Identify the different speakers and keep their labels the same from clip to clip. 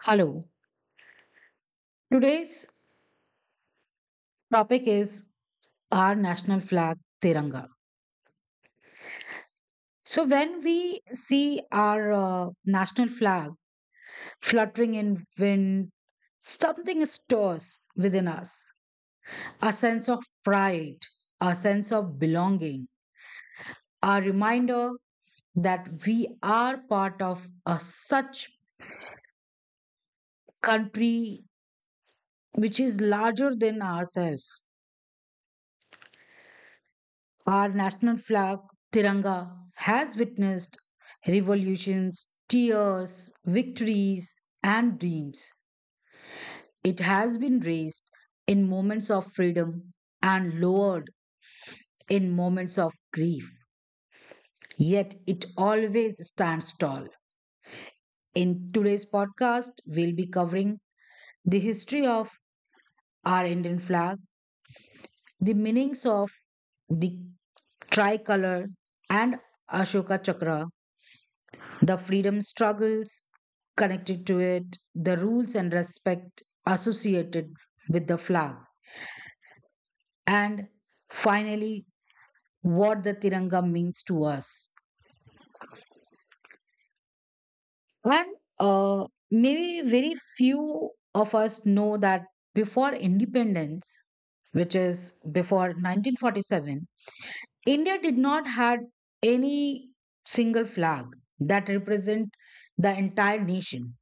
Speaker 1: Hello. Today's topic is our national flag, Tiranga. So, when we see our national flag fluttering in wind, something stirs within us a sense of pride, a sense of belonging, a reminder that we are part of a such country which is larger than ourselves. Our national flag, Tiranga, has witnessed revolutions, tears, victories, and dreams. It has been raised in moments of freedom and lowered in moments of grief. Yet it always stands tall. In today's podcast, we'll be covering the history of our Indian flag, the meanings of the tricolor and Ashoka Chakra, the freedom struggles connected to it, the rules and respect associated with the flag, and finally, what the Tiranga means to us. And uh, Maybe very few of us know that before independence, which is before 1947, India did not had any single flag that represent the entire nation.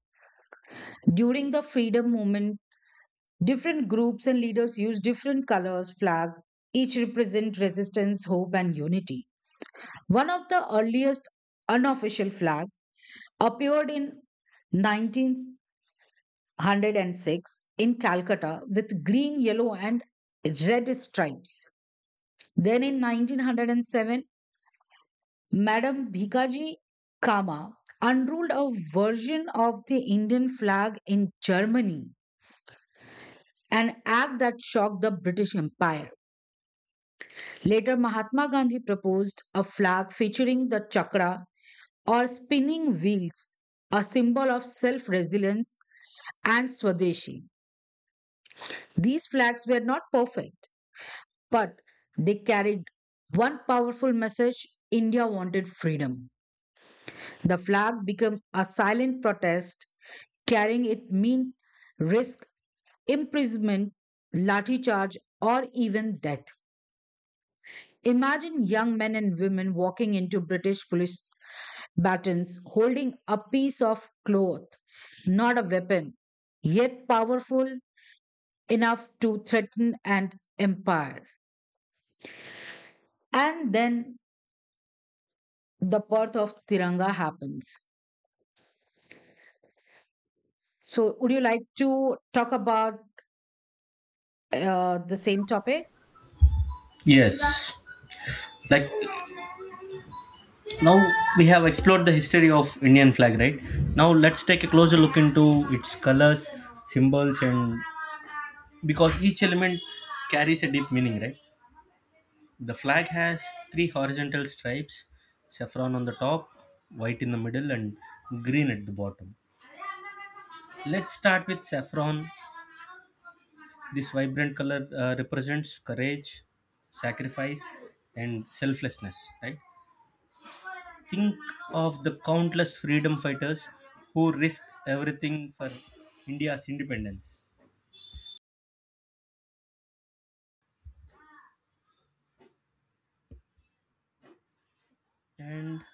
Speaker 1: During the freedom movement, different groups and leaders use different colors flag, each represent resistance, hope, and unity. One of the earliest unofficial flag appeared in 1906 in Calcutta with green, yellow, and red stripes. Then in 1907, Madam Bhikaji Kama unrolled a version of the Indian flag in Germany, an act that shocked the British Empire. Later, Mahatma Gandhi proposed a flag featuring the chakra or spinning wheels, a symbol of self resilience and Swadeshi. These flags were not perfect, but they carried one powerful message India wanted freedom. The flag became a silent protest, carrying it mean risk imprisonment, lathi charge, or even death. Imagine young men and women walking into British police batons holding a piece of cloth, not a weapon, yet powerful enough to threaten an empire. And then the birth of Tiranga happens. So, would you like to talk about the same topic?
Speaker 2: Yes. Like now we have explored the history of Indian flag, right? Now let's take a closer look into its colors, symbols, and because each element carries a deep meaning, right? The flag has three horizontal stripes, saffron on the top, white in the middle, and green at the bottom. Let's start with saffron. This vibrant color represents courage, sacrifice, and selflessness, right? Think of the countless freedom fighters who risked everything for India's independence. And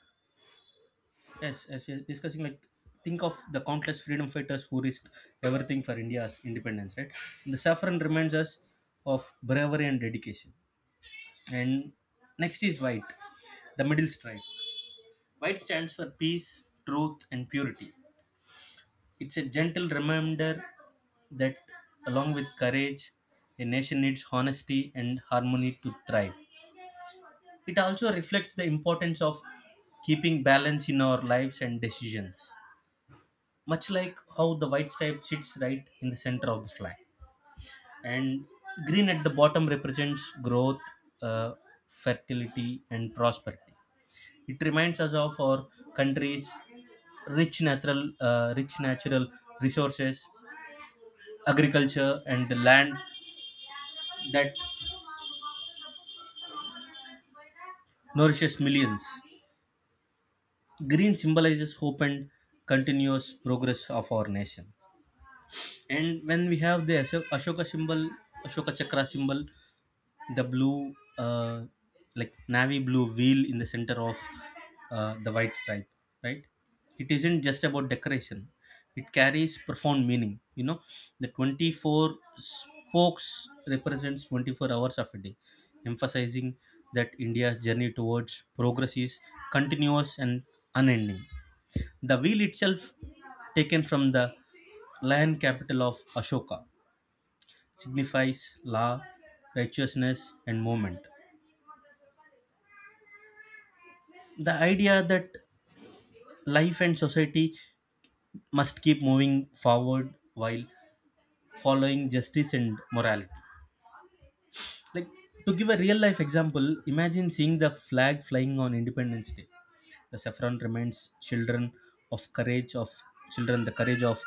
Speaker 2: yes, as we are discussing, like, think of the countless freedom fighters who risked everything for India's independence, right? The saffron reminds us of bravery and dedication. And next is white, the middle stripe. White stands for peace, truth, and purity. It's a gentle reminder that, along with courage, a nation needs honesty and harmony to thrive. It also reflects the importance of keeping balance in our lives and decisions, much like how the white stripe sits right in the center of the flag. And green at the bottom represents growth, uh, fertility, and prosperity. It reminds us of our country's rich natural resources, agriculture, and the land that nourishes millions. Green symbolizes hope and continuous progress of our nation. And when we have the Ashoka symbol, Ashoka Chakra symbol, the blue like navy blue wheel in the center of the white stripe, right, it isn't just about decoration. It carries profound meaning, you know. The 24 spokes represents 24 hours of a day, emphasizing that India's journey towards progress is continuous and unending. The wheel itself, taken from the lion capital of Ashoka, signifies law, righteousness, and movement. The idea that life and society must keep moving forward while following justice and morality. Like, to give a real life example, imagine seeing the flag flying on Independence Day. The saffron reminds children of courage of children the courage of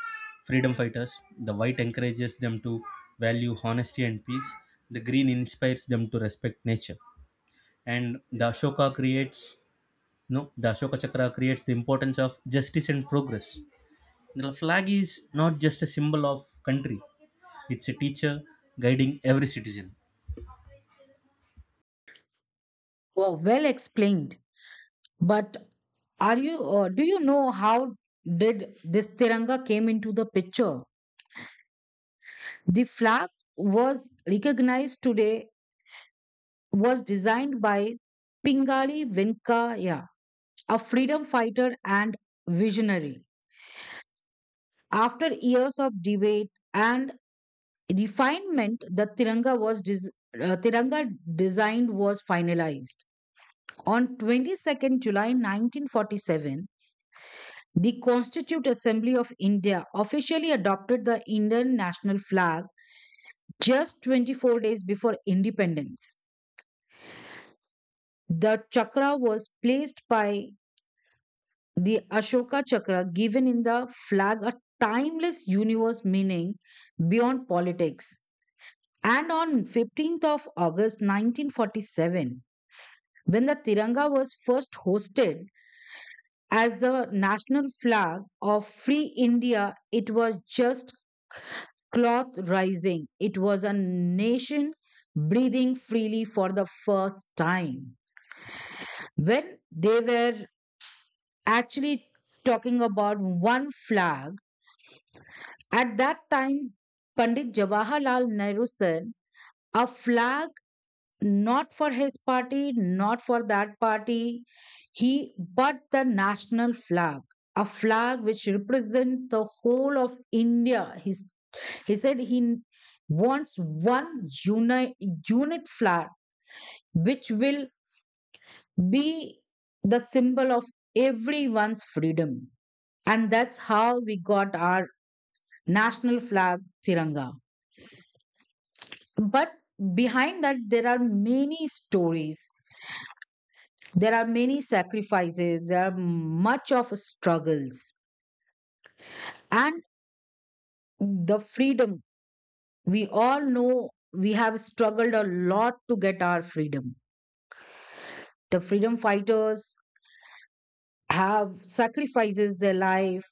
Speaker 2: freedom fighters, the white encourages them to value honesty and peace, the green inspires them to respect nature, and the ashoka creates no the Ashoka Chakra creates the importance of justice and progress. The flag is not just a symbol of country, it's a teacher guiding every citizen.
Speaker 1: Oh, well explained. But are you? Do you know how did this Tiranga came into the picture? The flag was recognized today was designed by Pingali Venkaya, a freedom fighter and visionary. After years of debate and refinement, the Tiranga design was finalized. On 22nd July 1947, the Constituent Assembly of India officially adopted the Indian national flag just 24 days before independence. The chakra was placed by the Ashoka chakra, given in the flag a timeless universe meaning beyond politics. And on 15th of August 1947, when the Tiranga was first hosted as the national flag of free India, it was just cloth rising. It was a nation breathing freely for the first time. When they were actually talking about one flag. At that time, Pandit Jawaharlal Nehru said, a flag not for his party, not for that party, he but the national flag, a flag which represents the whole of India. He said he wants one unit flag which will be the symbol of everyone's freedom. And that's how we got our national flag Tiranga. But behind that, there are many stories, there are many sacrifices, there are much of struggles, and the freedom. We all know we have struggled a lot to get our freedom. The freedom fighters have sacrifices their life.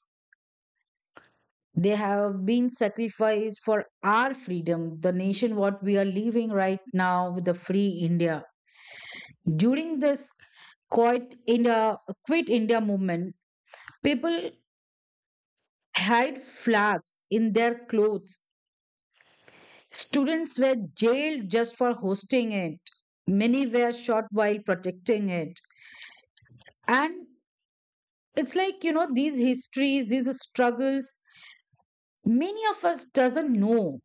Speaker 1: They have been sacrificed for our freedom, the nation what we are living right now with the free India. During this Quit India, Quit India movement, people had flags in their clothes. Students were jailed just for hosting it. Many were shot while protecting it. And it's like, you know, these histories, these struggles, many of us doesn't know.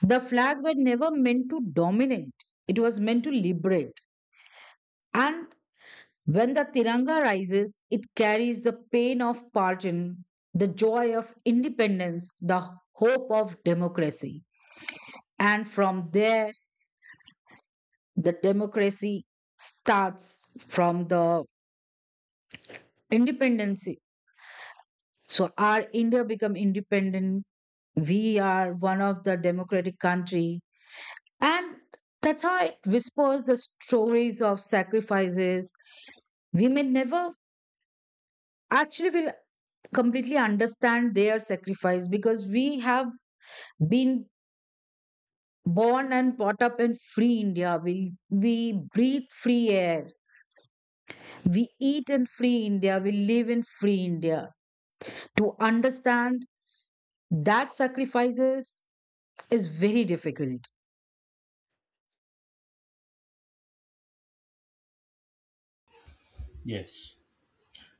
Speaker 1: The flag were never meant to dominate. It was meant to liberate. And when the Tiranga rises, it carries the pain of pardon, the joy of independence, the hope of democracy. And from there, the democracy starts from the independence. So our India become independent. We are one of the democratic country. And that's how it whispers the stories of sacrifices. We may never actually will completely understand their sacrifice because we have being born and brought up in free India, we breathe free air, we eat in free India, we live in free India. To understand that sacrifices is very difficult.
Speaker 2: Yes.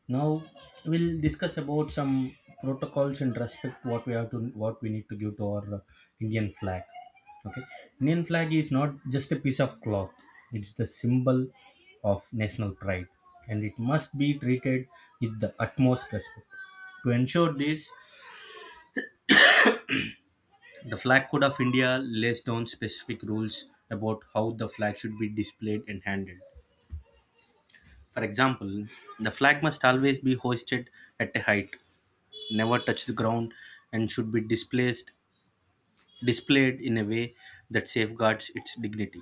Speaker 2: Now we'll discuss about some protocols and respect what we need to give to our Indian flag. Okay. Indian flag is not just a piece of cloth. It's the symbol of national pride, and it must be treated with the utmost respect. To ensure this, the Flag Code of India lays down specific rules about how the flag should be displayed and handled. For example, the flag must always be hoisted at a height, never touch the ground, and should be displaced displayed in a way that safeguards its dignity.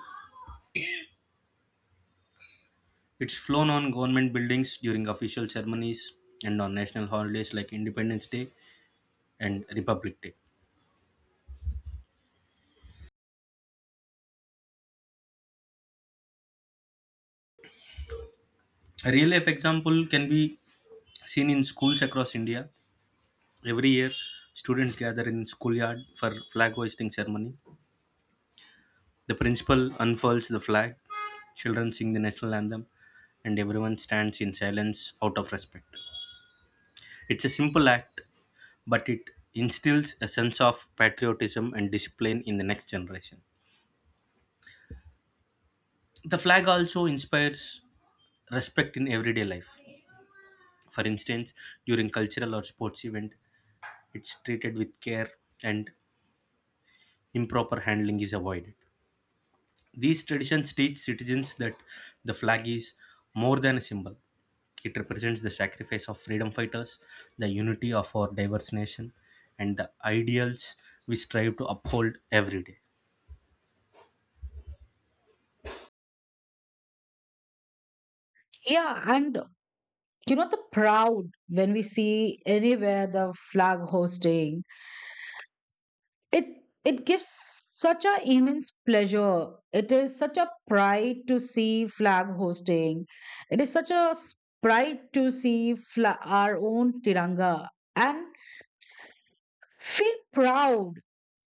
Speaker 2: It's flown on government buildings during official ceremonies and on national holidays like Independence Day and Republic Day. A real life example can be seen in schools across India. Every year, students gather in schoolyard for flag hoisting ceremony. The principal unfurls the flag, children sing the national anthem, and everyone stands in silence out of respect. It's a simple act, but it instills a sense of patriotism and discipline in the next generation. The flag also inspires respect in everyday life. For instance, during cultural or sports event, it's treated with care and improper handling is avoided. These traditions teach citizens that the flag is more than a symbol. It represents the sacrifice of freedom fighters, the unity of our diverse nation, and the ideals we strive to uphold every day.
Speaker 1: Yeah, and you know, the proud when we see anywhere the flag hosting, it it gives such a immense pleasure, it is such a pride to see flag hosting, it is such a s- pride to see our own tiranga and feel proud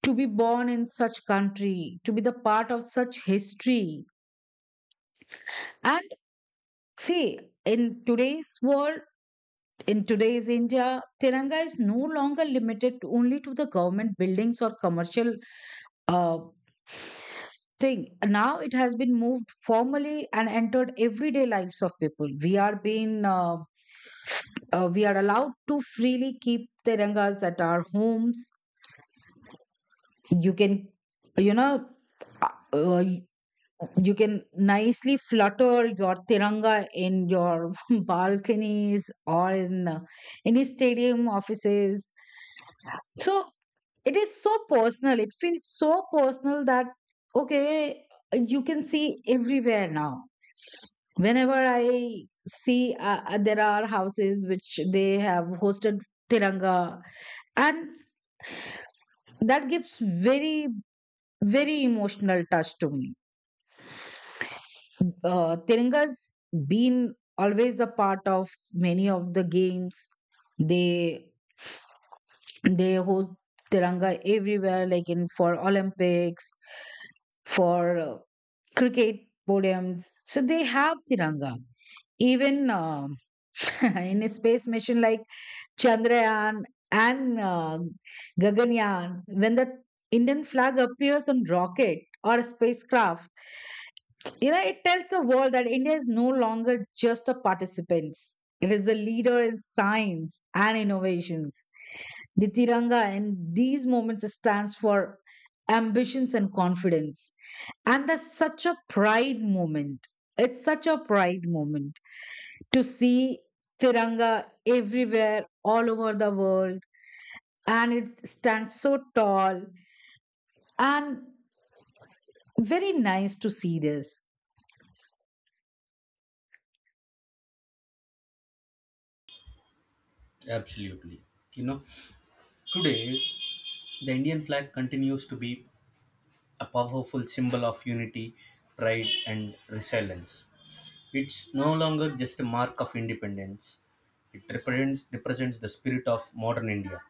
Speaker 1: to be born in such country, to be the part of such history. And see, in today's world, in today's India, Tiranga is no longer limited only to the government buildings or commercial uh, thing. Now it has been moved formally and entered everyday lives of people. We are allowed to freely keep tirangas at our homes. You can, you know, uh, uh, you can nicely flutter your tiranga in your balconies or in any stadium offices. So it is so personal, it feels so personal that okay, you can see everywhere now. Whenever I see there are houses which they have hosted tiranga, and that gives very very emotional touch to me. Uh, tiranga's been always a part of many of the games. They they host tiranga everywhere, like in for Olympics, for uh, cricket podiums. So they have Tiranga. Even in a space mission like Chandrayaan and Gaganyaan, when the Indian flag appears on rocket or a spacecraft, you know, it tells the world that India is no longer just a participant. It is the leader in science and innovations. The Tiranga in these moments stands for ambitions and confidence. And that's such a pride moment. It's such a pride moment to see Tiranga everywhere, all over the world. And it stands so tall and very nice to see this.
Speaker 2: Absolutely. You know, today the Indian flag continues to be a powerful symbol of unity, pride, and resilience. It's no longer just a mark of independence, it represents the spirit of modern India,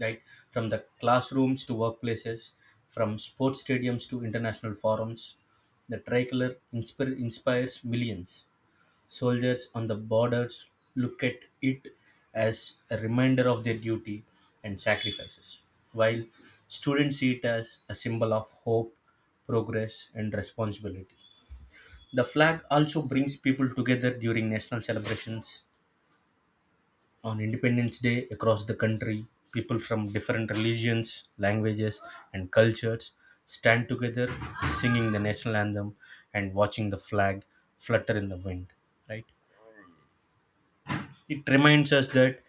Speaker 2: right, from the classrooms to workplaces, from sports stadiums to international forums. The inspires millions. Soldiers on the borders look at it as a reminder of their duty and sacrifices, while students see it as a symbol of hope, progress, and responsibility. The flag also brings people together during national celebrations. On Independence Day across the country, people from different religions, languages, and cultures stand together, singing the national anthem and watching the flag flutter in the wind, right? It reminds us that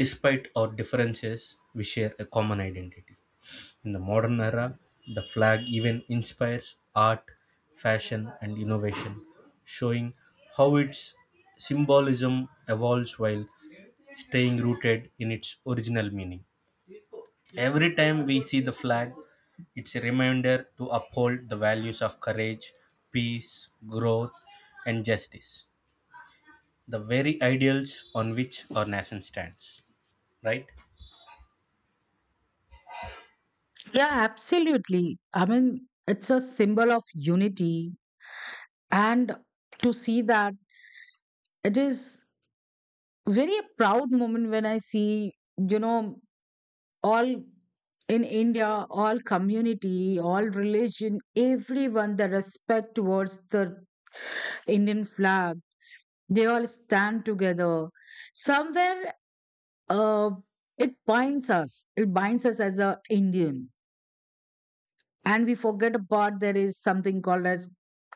Speaker 2: despite our differences, we share a common identity. In the modern era, the flag even inspires art, fashion, and innovation, showing how its symbolism evolves while staying rooted in its original meaning. Every time we see the flag, it's a reminder to uphold the values of courage, peace, growth, and justice, the very ideals on which our nation stands, right?
Speaker 1: Yeah, absolutely. I mean, it's a symbol of unity. And to see that, it is very proud moment when I see, you know, all in India, all community, all religion, everyone the respect towards the Indian flag, they all stand together somewhere. uh, it binds us, it binds us as a Indian, and we forget about there is something called as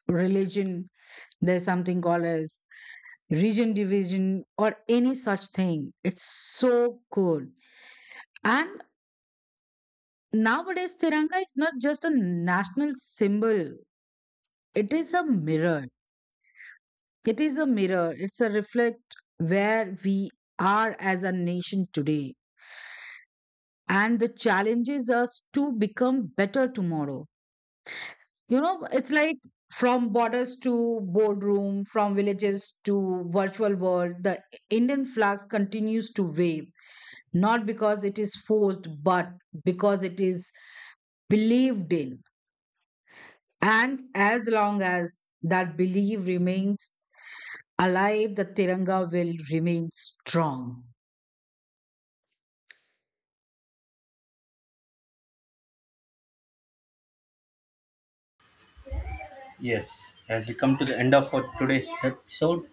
Speaker 1: religion, there's something called as region division or any such thing. It's so cool. And nowadays Tiranga is not just a national symbol. It is a mirror. It is a mirror. It's a reflect where we are as a nation today and the challenges us to become better tomorrow. You know, it's like from borders to boardroom, from villages to virtual world, the Indian flag continues to wave, not because it is forced, but because it is believed in. And as long as that belief remains alive, the Tiranga will remain strong.
Speaker 2: Yes, as we come to the end of our today's episode,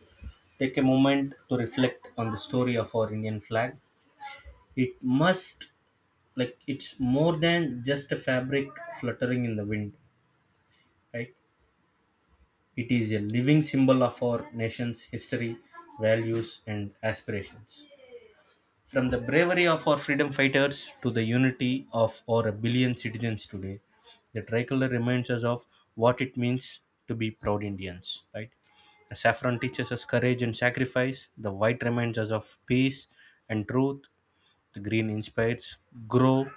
Speaker 2: take a moment to reflect on the story of our Indian flag. It must, like, it's more than just a fabric fluttering in the wind, right? It is a living symbol of our nation's history, values, and aspirations. From the bravery of our freedom fighters to the unity of our billion citizens today, the tricolor reminds us of what it means to be proud Indians, right? The saffron teaches us courage and sacrifice, the white reminds us of peace and truth, the green inspires grow,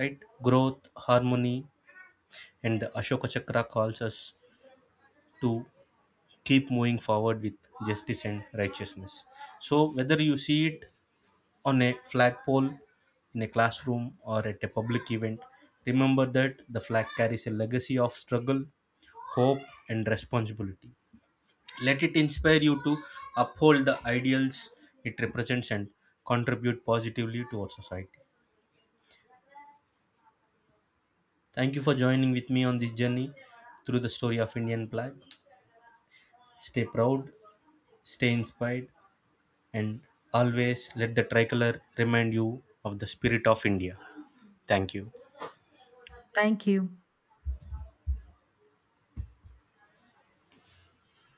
Speaker 2: right? Growth, harmony, and the Ashoka Chakra calls us to keep moving forward with justice and righteousness. So, whether you see it on a flagpole, in a classroom, or at a public event, remember that the flag carries a legacy of struggle, hope, and responsibility. Let it inspire you to uphold the ideals it represents and contribute positively to our society. Thank you for joining with me on this journey through the story of Indian flag. Stay proud, stay inspired, and always let the tricolor remind you of the spirit of India. Thank you.
Speaker 1: Thank you.